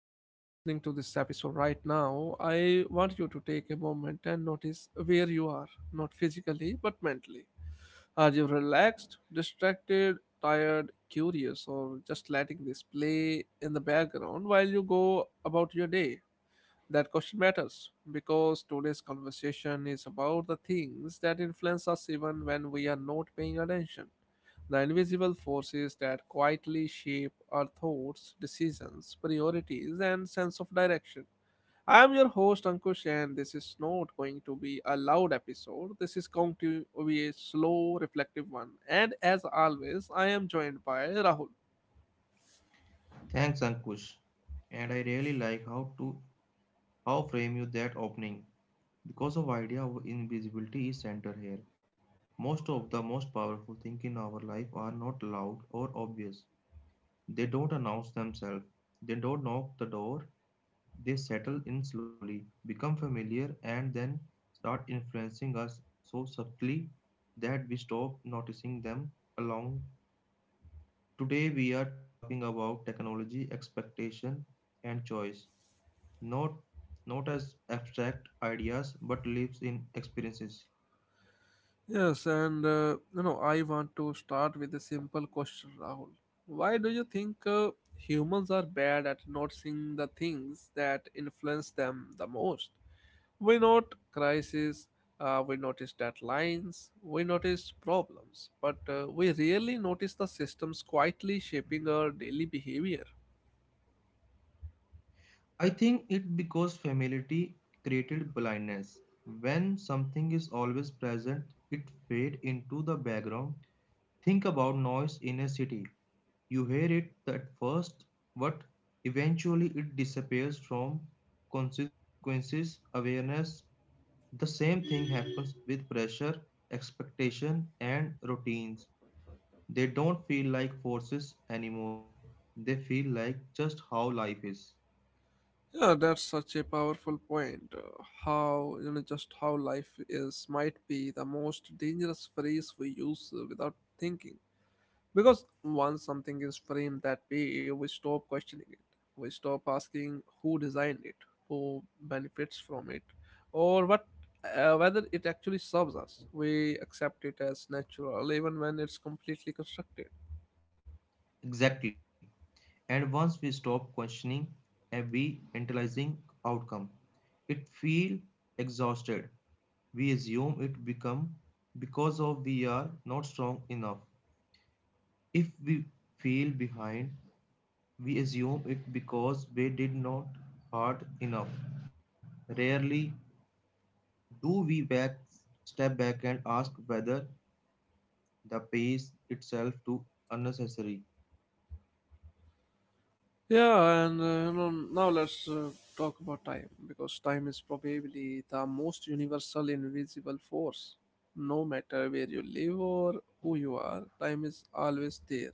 If you are listening to this episode right now, I want you to take a moment and notice where you are, not physically but mentally. Are you relaxed, distracted, tired, curious, or just letting this play in the background while you go about your day? That question matters because today's conversation is about the things that influence us even when we are not paying attention. The invisible forces that quietly shape our thoughts, decisions, priorities, and sense of direction. I am your host Ankush, and this is not going to be a loud episode. This is going to be a slow, reflective one. And as always, I am joined by Rahul. Thanks, Ankush. And I really like how frame you that opening because of idea of invisibility is center here. Most of the most powerful thing in our life are not loud or obvious. They don't announce themselves. They don't knock the door. They settle in slowly, become familiar, and then start influencing us so subtly that we stop noticing them along. Today we are talking about technology, expectation, and choice not not as abstract ideas but lives in experiences. Yes, I want to start with a simple question, Rahul. Why do you think humans are bad at noticing the things that influence them the most? We note crises, we notice deadlines, we notice problems, but we rarely notice the systems quietly shaping our daily behavior. I think it because familiarity created blindness. When something is always present, it fades into the background. Think about noise in a city. You hear it at first, but eventually it disappears from consequences awareness. The same thing happens with pressure, expectation, and routines. They don't feel like forces anymore. They feel like just how life is. Yeah, that's such a powerful point. How, just how life is, might be the most dangerous phrase we use without thinking. Because once something is framed that way, we stop questioning it. We stop asking who designed it, who benefits from it, or what whether it actually serves us. We accept it as natural even when it's completely constructed. Exactly. And once we stop questioning and we analyzing outcome, it feel exhausted. We assume it become because of we are not strong enough. If we feel behind, we assume it because we did not hard enough. Rarely do we back step back and ask whether the pace itself to unnecessary. Now let's talk about time, because time is probably the most universal invisible force. No matter where you live or who you are, time is always there.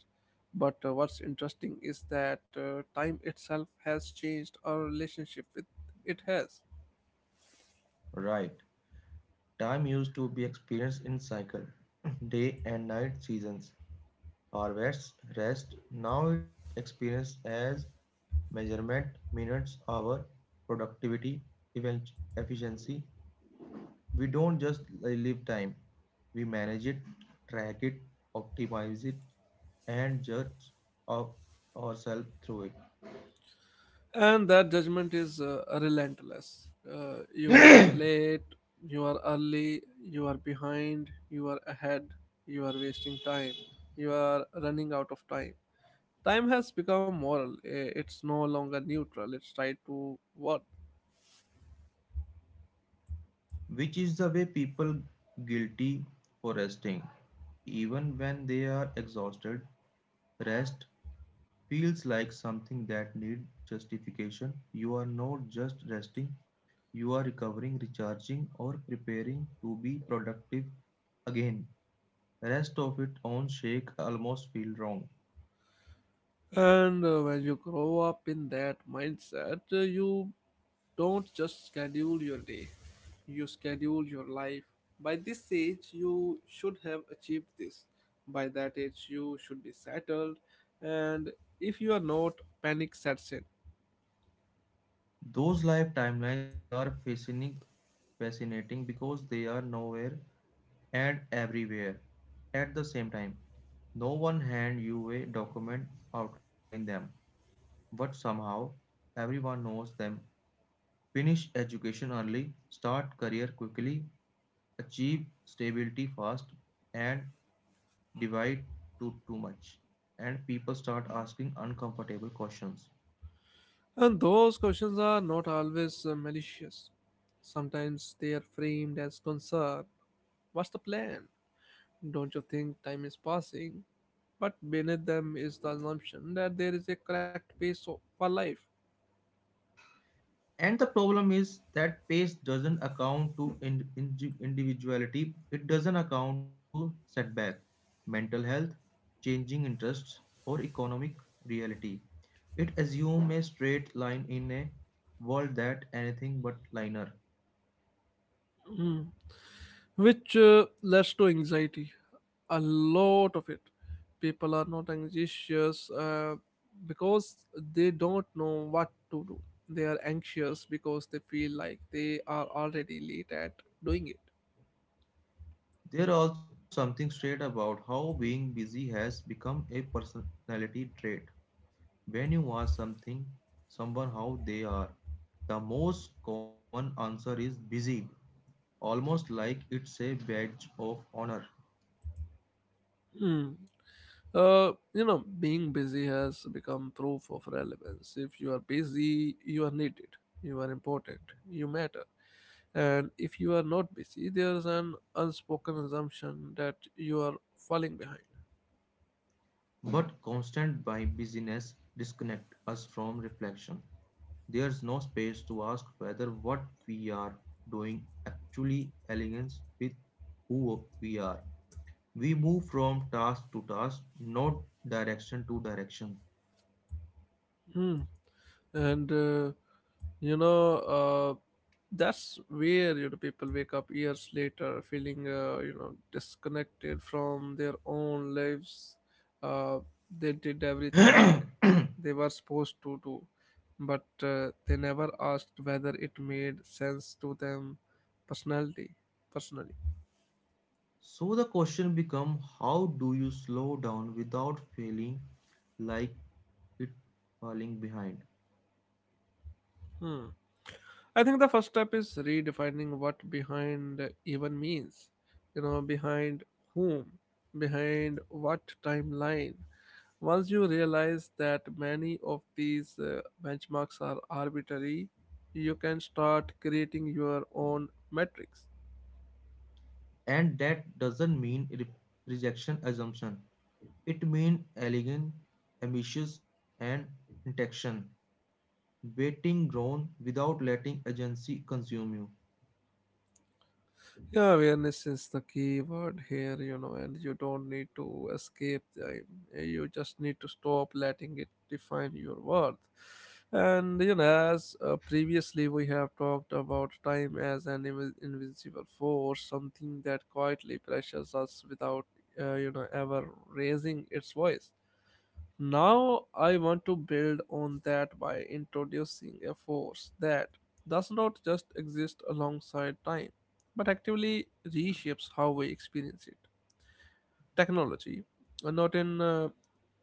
But what's interesting is that time itself has changed our relationship with it has. Right. Time used to be experienced in cycle, day and night seasons, harvests, rest. Now it experienced as measurement, minutes, hour, productivity, event, efficiency. We don't just live time. We manage it, track it, optimize it, and judge of ourselves through And that judgment is relentless. You are it. late, you are early, you are behind, you are ahead, you are wasting time, you are running out of time. Time has become moral. Eh, it's no longer neutral, it's tied to worth. Which is the way people guilty for resting. Even when they are exhausted, rest feels like something that needs justification. You are not just resting, you are recovering, recharging, or preparing to be productive again. Rest of it on shake almost feel wrong. And when you grow up in that mindset, you don't just schedule your day, you schedule your life. By this age, you should have achieved this. By that age, you should be settled. And if you are not, panic sets in. Those life timelines are fascinating because they are nowhere and everywhere at the same time. No one hand you a document outline them, but somehow everyone knows them. Finish education early, start career quickly, achieve stability fast, and divide too, too much. And people start asking uncomfortable questions. And those questions are not always malicious. Sometimes they are framed as concern. What's the plan? Don't you think time is passing? But beneath them is the assumption that there is a correct for life, And the problem is that pace doesn't account to individuality, it doesn't account to setback, mental health, changing interests, or economic reality. It assumes a straight line in a world that anything but linear. which leads to anxiety. A lot of it. People are not anxious because they don't know what to do. They are anxious because they feel like they are already late at doing it. There also something straight about how being busy has become a personality trait. When you ask someone how they are, the most common answer is busy, almost like it's a badge of honor. Hmm. Being busy has become proof of relevance. If you are busy, you are needed, you are important, you matter. And if you are not busy, there is an unspoken assumption that you are falling behind. But constant by busyness disconnect us from reflection. There's no space to ask whether what we are doing actually aligns with who we are. We move from task to task, not direction to direction. Hmm. and you know that's where, people wake up years later feeling, disconnected from their own lives. uh, they did everything they were supposed to do, but they never asked whether it made sense to them personality personally. So the question becomes how do you slow down without feeling like it falling behind? Hmm. I think the first step is redefining what behind even means. You know, behind whom, behind what timeline. Once you realize that many of these benchmarks are arbitrary, you can start creating your own metrics. And that doesn't mean rejection assumption. It means elegant, ambitious, and intention. Waiting grown without letting agency consume you. Yeah, awareness is the key word here, you know, and you don't need to escape time. You just need to stop letting it define your worth. And, you know, as previously we have talked about time as an invisible force, something that quietly pressures us without, ever raising its voice. Now I want to build on that by introducing a force that does not just exist alongside time, but actively reshapes how we experience it. Technology, not in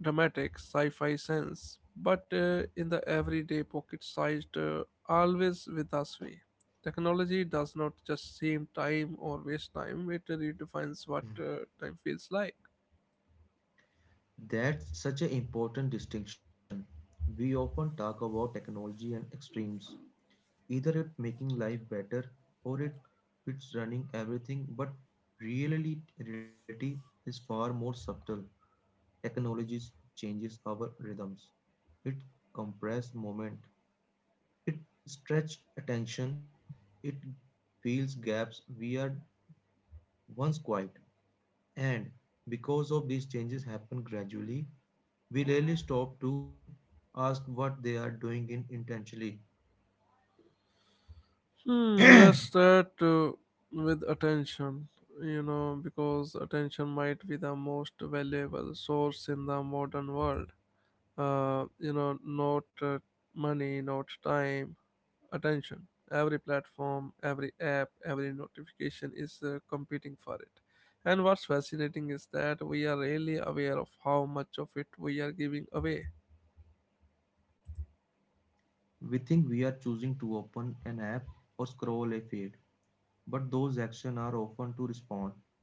dramatic sci fi sense, but in the everyday pocket sized, always with us way. Technology does not just save time or waste time, it redefines what time feels like. That's such an important distinction. We often talk about technology and extremes. Either it making life better or it's running everything, but really reality is far more subtle. Technologies changes our rhythms. It compress moment. It stretch attention. It fills gaps we are once quiet. And because of these changes happen gradually, we rarely stop to ask what they are doing in intentionally. We Hmm, let's start with attention, you know, because attention might be the most valuable source in the modern world. Not money, not time, attention. Every platform, every app, every notification is competing for it. And what's fascinating is that we are really aware of how much of it we are giving away. think we are choosing to open an app or scroll a feed, but those actions are often to respond,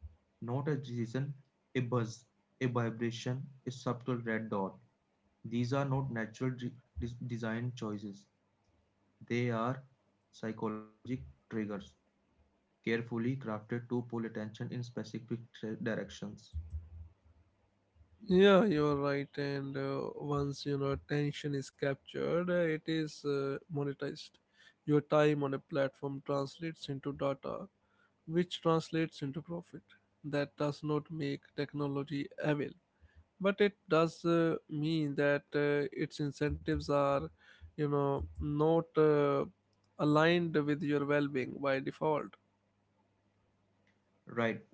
not a decision, a buzz, a vibration, a subtle red dot. These are not natural design choices. They are psychological triggers, carefully crafted to pull attention in specific directions. Yeah, you're right. And once you know attention is captured, it is monetized. Your time on a platform translates into data, which translates into profit. That does not make technology evil, but it does mean that its incentives are, you know, not aligned with your well-being by default. Right.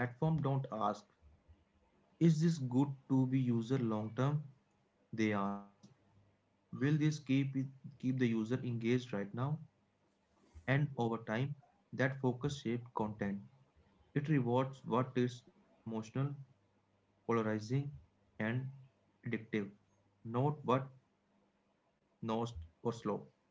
Platform don't ask, is this good to be user long term? They ask, will this keep the user engaged right now and over time? That focus shaped content. It rewards what is emotional, polarizing, and addictive, not what nose or slow.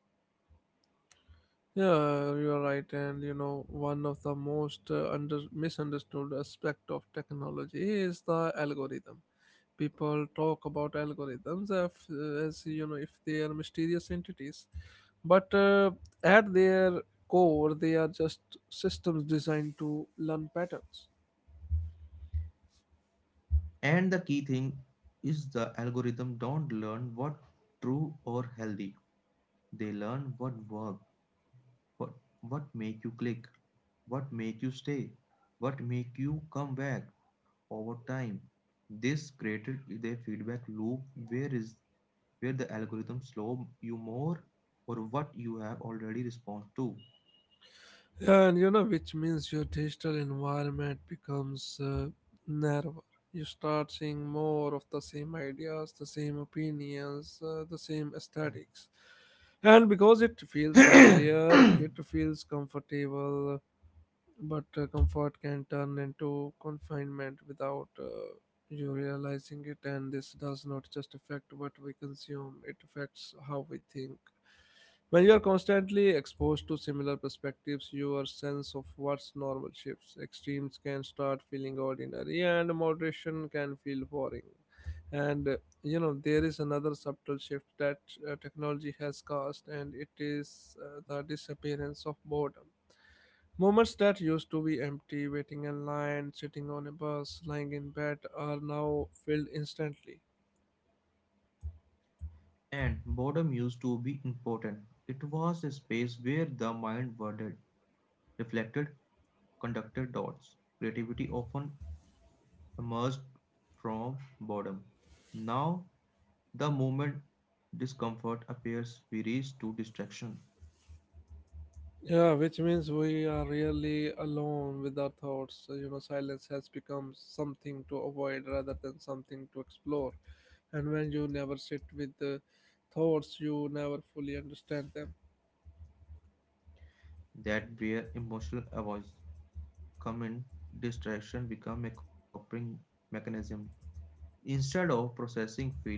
Yeah, you're right. And you know, one of the most under misunderstood aspect of technology is the algorithm. People talk about algorithms as you know, if they are mysterious entities, but at their core, they are just systems designed to learn patterns. And the key thing is the algorithm don't learn what true or healthy. They learn what work, what what make you click, what make you stay, what make you come back over time. This created a feedback loop where is where the algorithm slow you more or what you have already responded to. And you know, which means your digital environment becomes narrower. You start seeing more of the same ideas, the same opinions, the same aesthetics. And because it feels Mm. familiar, it feels comfortable, but comfort can turn into confinement without you realizing it, and this does not just affect what we consume, it affects how we think. When you are constantly exposed to similar perspectives, your sense of what's normal shifts. Extremes can start feeling ordinary, and moderation can feel boring. And there is another subtle shift that technology has caused, and it is the disappearance of boredom. Moments that used to be empty, waiting in line, sitting on a bus, lying in bed, are now filled instantly. And boredom used to be important. It was a space where the mind wondered, reflected, conducted dots. Creativity often emerged from boredom. Now, the moment discomfort appears, we reach to distraction, Yeah, which means we are really alone with our thoughts. So, you know, silence has become something to avoid rather than something to explore. And when you never sit with the thoughts, you never fully understand them. that where emotional avoids common distraction become a coping mechanism. Instead of processing feeling,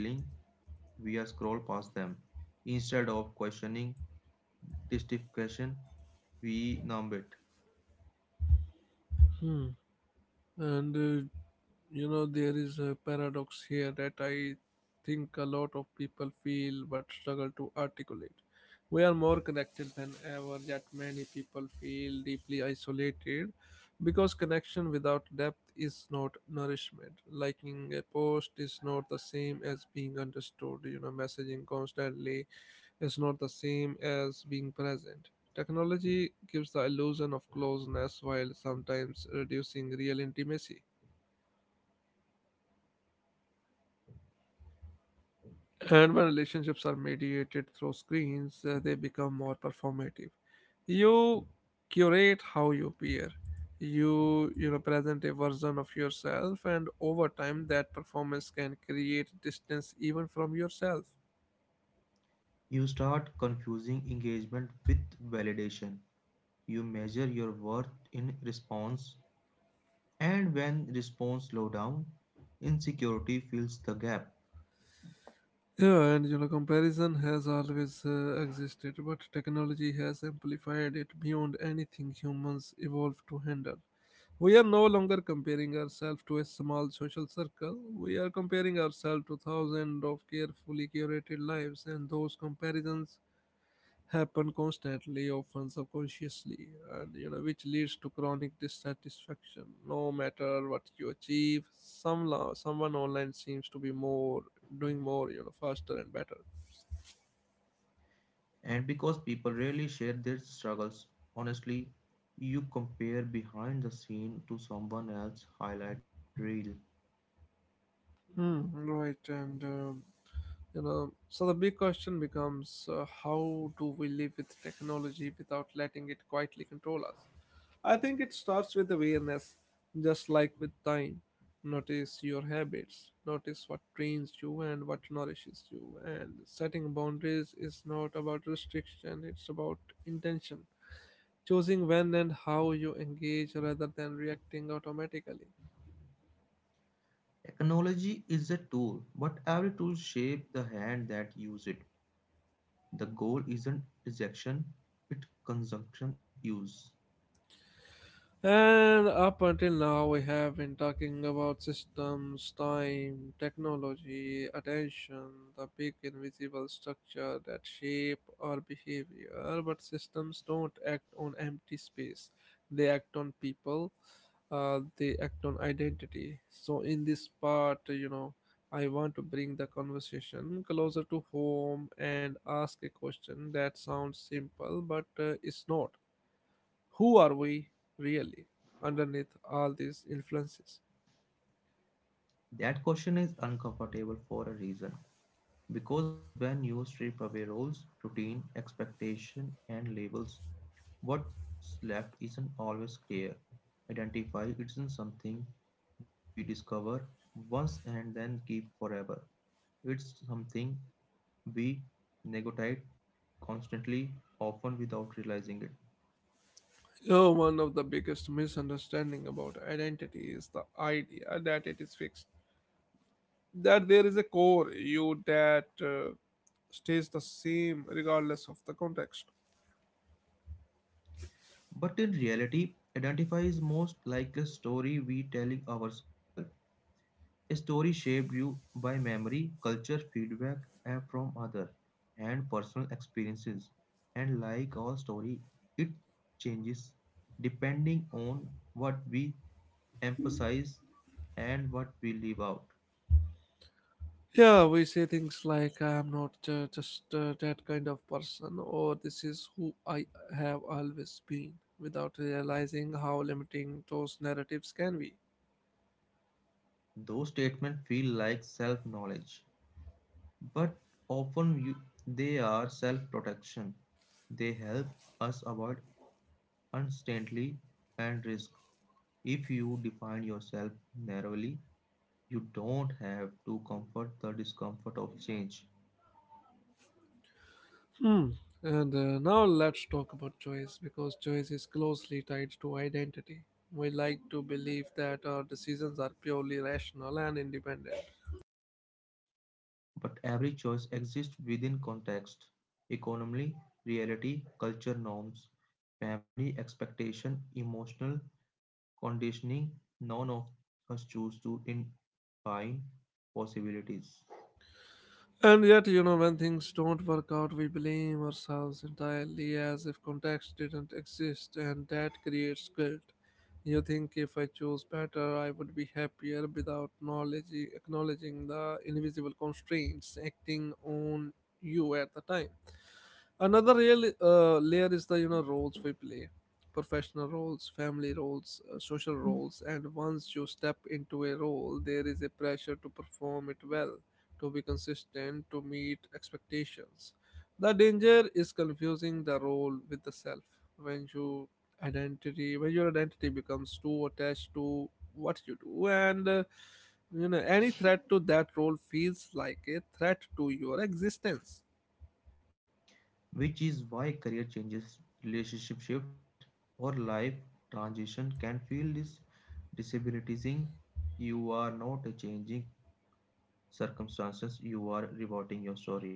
we scroll past them. Instead of questioning justification, we numb it. Hmm. And there is a paradox here that I think a lot of people feel but struggle to articulate. We are more connected than ever, yet many people feel deeply isolated because connection without depth is not nourishment. Liking a post is not the same as being understood. You know, messaging constantly is not the same as being present. Technology gives the illusion of closeness while sometimes reducing real intimacy. And when relationships are mediated through screens, they become more performative. You curate how you appear. You know present a version of yourself, and over time, that performance can create distance even from yourself. You start confusing engagement with validation. You measure your worth in response, and when response slow down, insecurity fills the gap. Yeah, and you know, comparison has always existed, but technology has amplified it beyond anything humans evolved to handle. We are no longer comparing ourselves to a small social circle. We are comparing ourselves to thousands of carefully curated lives, and those comparisons happen constantly, often subconsciously, and you know, which leads to chronic dissatisfaction. No matter what you achieve, someone online seems to be more doing more, you know, faster and better. And because people rarely share their struggles, honestly, you compare behind the scene to someone else's highlight reel. Hmm, right. and. You know so the big question becomes, how do we live with technology without letting it quietly control us? I think it starts with awareness. Just like with time, notice your habits, notice what trains you and what nourishes you. And setting boundaries is not about restriction, it's about intention, choosing when and how you engage rather than reacting automatically. Technology is a tool, but every tool shapes the hand that uses it. The goal isn't rejection, it's consumption use. And up until now, we have been talking about systems, time, technology, attention, the big invisible structure that shape our behavior. But systems don't act on empty space, they act on people, they act on identity. So, in this part, you know, I want to bring the conversation closer to home and ask a question that sounds simple but is not: who are we really underneath all these influences? That question is uncomfortable for a reason. Because when you strip away roles, routine, expectation, and labels, what's left isn't always clear. Identify isn't something we discover once and then keep forever. It's something we negotiate constantly, often without realizing it. You know, one of the biggest misunderstanding about identity is the idea that it is fixed, that there is a core you that stays the same regardless of the context. But in reality, identify is most like a story we telling ourselves. A story shaped you by memory, culture, feedback and from others, and personal experiences. And like all story, it changes depending on what we emphasize and what we leave out. Yeah, we say things like I am not just that kind of person, or this is who I have always been, without realizing how limiting those narratives can be. Those statements feel like self-knowledge, but often you, they are self-protection. They help us avoid uncertainty and risk. If you define yourself narrowly, you don't have to comfort the discomfort of change, Hmm. And now let's talk about choice, because choice is closely tied to identity. We like to believe that our decisions are purely rational and independent. but every choice exists within context, economy, reality, culture norms, family expectation, emotional conditioning. None of us choose to define possibilities, And yet, you know, when things don't work out, we blame ourselves entirely as if context didn't exist, and that creates guilt. You think if I chose better, I would be happier without knowledge, acknowledging the invisible constraints acting on you at the time. Another real layer is the roles we play, professional roles, family roles, social roles, and once you step into a role, there is a pressure to perform it well, to be consistent, to meet expectations. The danger is confusing the role with the self. When you when your identity becomes too attached to what you do, and any threat to that role feels like a threat to your existence. which is why career changes, relationship shift, or life transition can feel this disabilitizing. You are not changing circumstances, you are rewriting your story.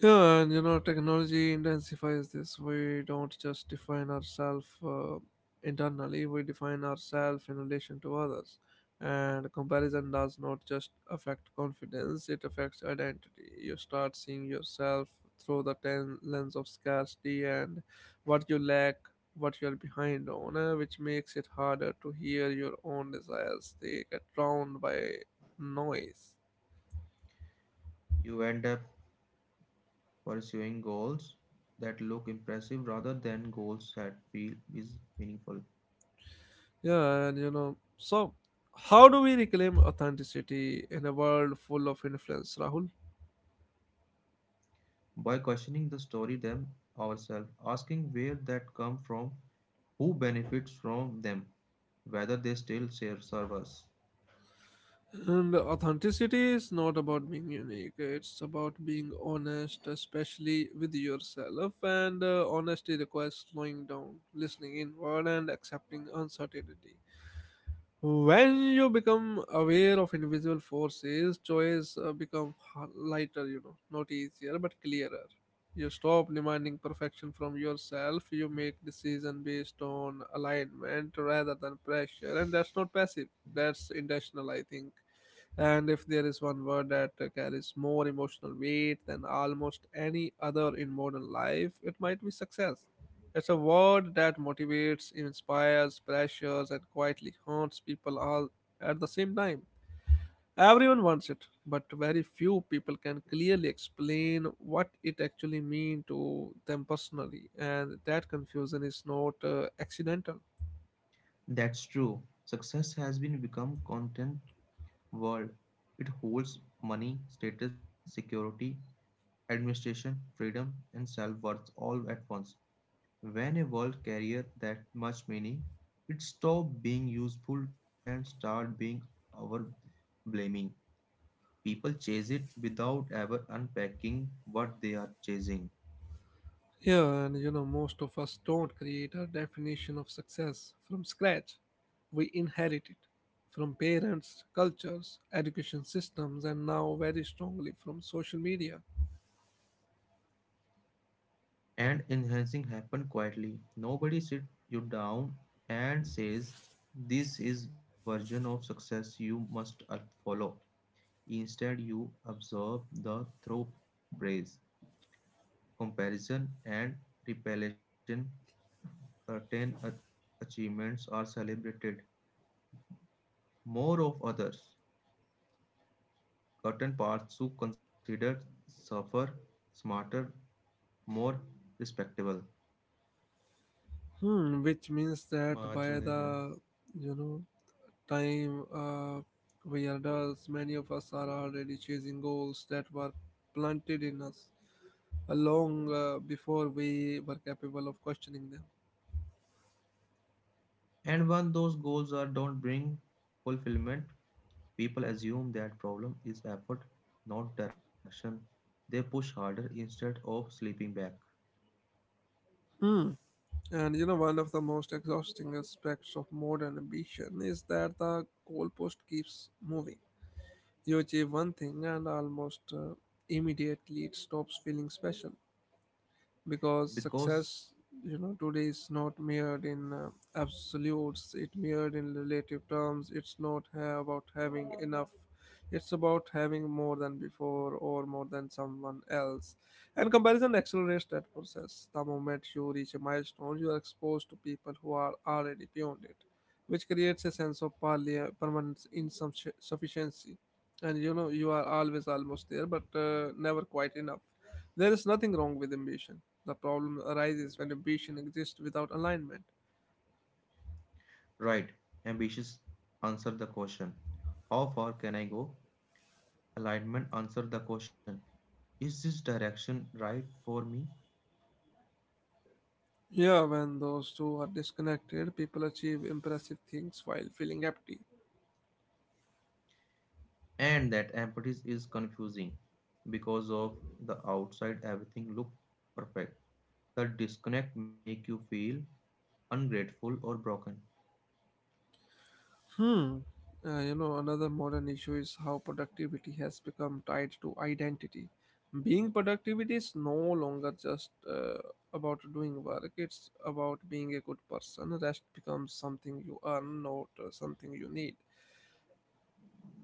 Yeah, and you know, technology intensifies this. We don't just define ourselves internally, we define ourselves in relation to others. And comparison does not just affect confidence, it affects identity. You start seeing yourself through the lens of scarcity and what you lack, what you're behind on, which makes it harder to hear your own desires. They get drowned by noise. You end up pursuing goals that look impressive rather than goals that feel is meaningful. So how do we reclaim authenticity in a world full of influence, Rahul? By questioning the story them ourselves, asking where that come from, who benefits from them, whether they still serve us. And authenticity is not about being unique, it's about being honest, especially with yourself. And Honesty requires slowing down, listening inward, and accepting uncertainty. When you become aware of invisible forces, choice become h- lighter, you know, not easier but clearer. You stop demanding perfection from yourself. You make decision based on alignment rather than pressure, and that's not passive. That's intentional, I think. And if there is one word that carries more emotional weight than almost any other in modern life, it might be success. It's a word that motivates, inspires, pressures, and quietly haunts people all at the same time. Everyone wants it, but very few people can clearly explain what it actually means to them personally, and that confusion is not accidental. That's true. Success has been become content world. It holds money, status, security, administration, freedom, and self worth all at once. When a word carries that much meaning, it stops being useful and starts being our blaming. People chase it without ever unpacking what they are chasing. Yeah, and you know, most of us don't create a definition of success from scratch. We inherit it from parents, cultures, education systems, and now very strongly from social media. And enhancing happen quietly. Nobody sits you down and says, this is version of success you must follow. Instead, you observe the through praise, comparison, and repellation 10 achievements are celebrated more of others. Certain parts who considered suffer smarter, more respectable. Hmm, which means that by the you know time we are adults, many of us are already chasing goals that were planted in us long before we were capable of questioning them. And when those goals are don't bring fulfillment, people assume that problem is effort, not direction. They push harder instead of sleeping back. Hmm. And you know, one of the most exhausting aspects of modern ambition is that the goalpost keeps moving. You achieve one thing, and almost immediately it stops feeling special because Because success you know today is not mirrored in absolutes, it mirrored in relative terms, it's not about having enough, it's about having more than before or more than someone else. And comparison accelerates that process. The moment you reach a milestone, you are exposed to people who are already beyond it, which creates a sense of permanent insufficiency, and you know you are always almost there but never quite enough. There is nothing wrong with ambition. The problem arises when ambition exists without alignment. right, ambitious answer the question. How far can I go? Alignment answer the question. Is this direction right for me? Yeah, when those two are disconnected, people achieve impressive things while feeling empty. And that emptiness is confusing because of the outside everything look perfect. The disconnect make you feel ungrateful or broken. Hmm. Another modern issue is how productivity has become tied to identity. Being productivity is no longer just about doing work, it's about being a good person. Rest becomes something you earn, not something you need.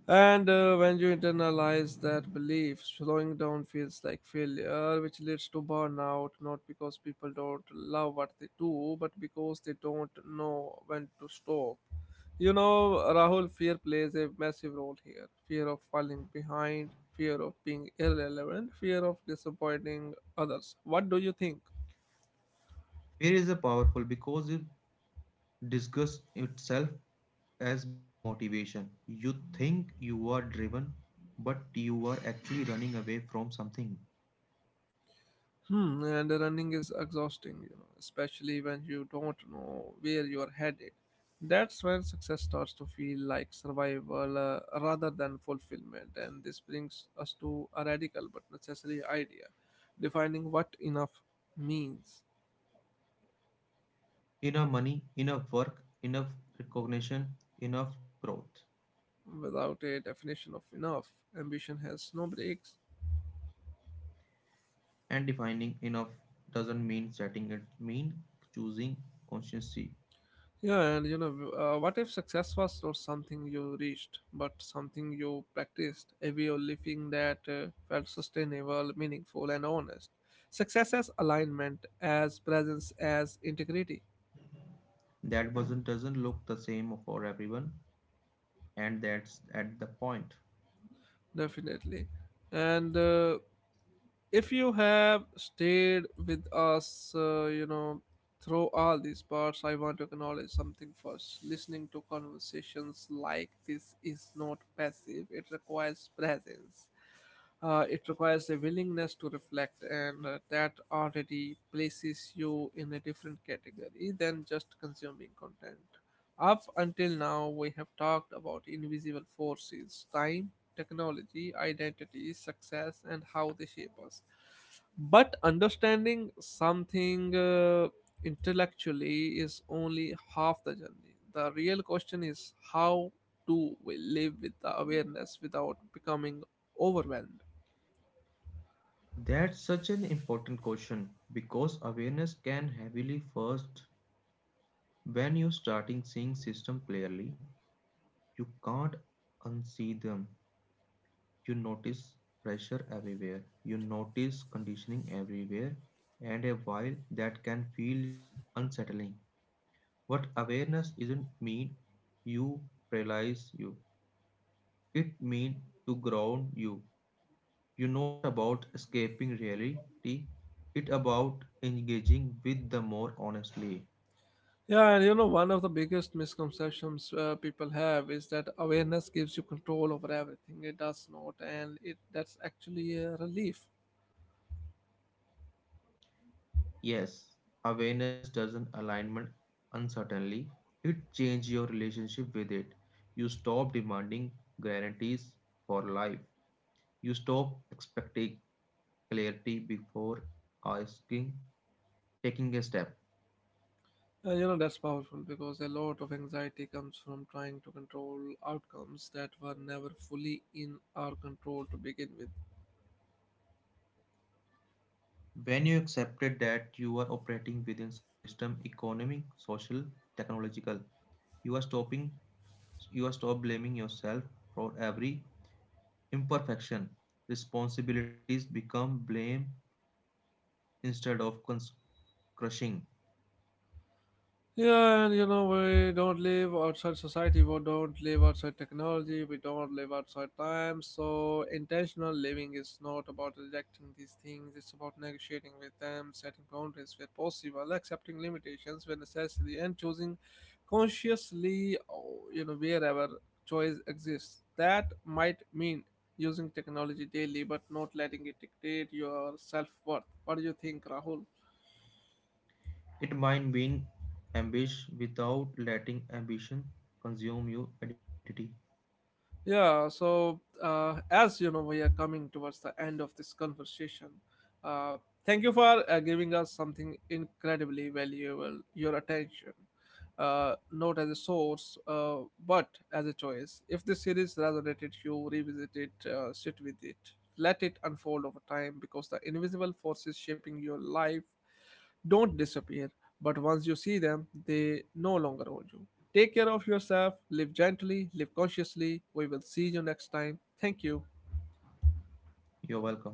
And when you internalize that belief, slowing down feels like failure, which leads to burnout, not because people don't love what they do, but because they don't know when to stop. You know, Rahul, fear plays a massive role here: fear of falling behind, fear of being irrelevant, fear of disappointing others. What do you think? Fear is a powerful because it disguises itself as motivation. You think you are driven, but you are actually running away from something. Hmm, and running is exhausting, you know, especially when you don't know where you are headed. That's when success starts to feel like survival rather than fulfillment. And this brings us to a radical but necessary idea: defining what enough means. Enough money, enough work, enough recognition, enough growth. Without a definition of enough, ambition has no brakes. And defining enough doesn't mean setting it mean choosing consciously. What if success was not something you reached, but something you practiced, a way of living that felt sustainable, meaningful, and honest? Success as alignment, as presence, as integrity, That doesn't look the same for everyone, and that's at the point. definitely. And if you have stayed with us, through all these parts, I want to acknowledge something first. Listening to conversations like this is not passive, it requires presence. It requires a willingness to reflect, and that already places you in a different category than just consuming content. Up until now, we have talked about invisible forces: time, technology, identity, success, and how they shape us. But understanding something intellectually is only half the journey. The real question is, how do we live with the awareness without becoming overwhelmed? That's such an important question because awareness can heavily first when you are starting seeing system clearly. You can't unsee them. You notice pressure everywhere. You notice conditioning everywhere, and a while that can feel is unsettling. What awareness isn't mean you realize you. It mean to ground you. You not about escaping reality. It about engaging with the more honestly. Yeah, and you know, one of the biggest misconceptions people have is that awareness gives you control over everything. It does not, and it that's actually a relief. Yes, awareness doesn't alignment uncertainly. It change your relationship with it. You stop demanding guarantees for life. You stop expecting clarity before asking taking a step. And you know, that's powerful because a lot of anxiety comes from trying to control outcomes that were never fully in our control to begin with. When you accepted that you are operating within system economic, social, technological, you are stopping you are stop blaming yourself for every imperfection. Responsibilities become blame instead of crushing. Yeah, and you know, we don't live outside society, we don't live outside technology, we don't live outside time. So, intentional living is not about rejecting these things, it's about negotiating with them, setting boundaries where possible, accepting limitations when necessary, and choosing consciously, wherever choice exists. That might mean using technology daily, but not letting it dictate your self worth. What do you think, Rahul? It might mean ambition without letting ambition consume your identity. Yeah, so as you know, we are coming towards the end of this conversation. Uh, thank you for giving us something incredibly valuable: your attention. Not as a source, but as a choice. If the series resonated, you revisit it, sit with it, let it unfold over time, because the invisible forces shaping your life don't disappear, but once you see them, they no longer hold you. Take care of yourself, live gently, live consciously. We will see you next time. Thank you. You're welcome.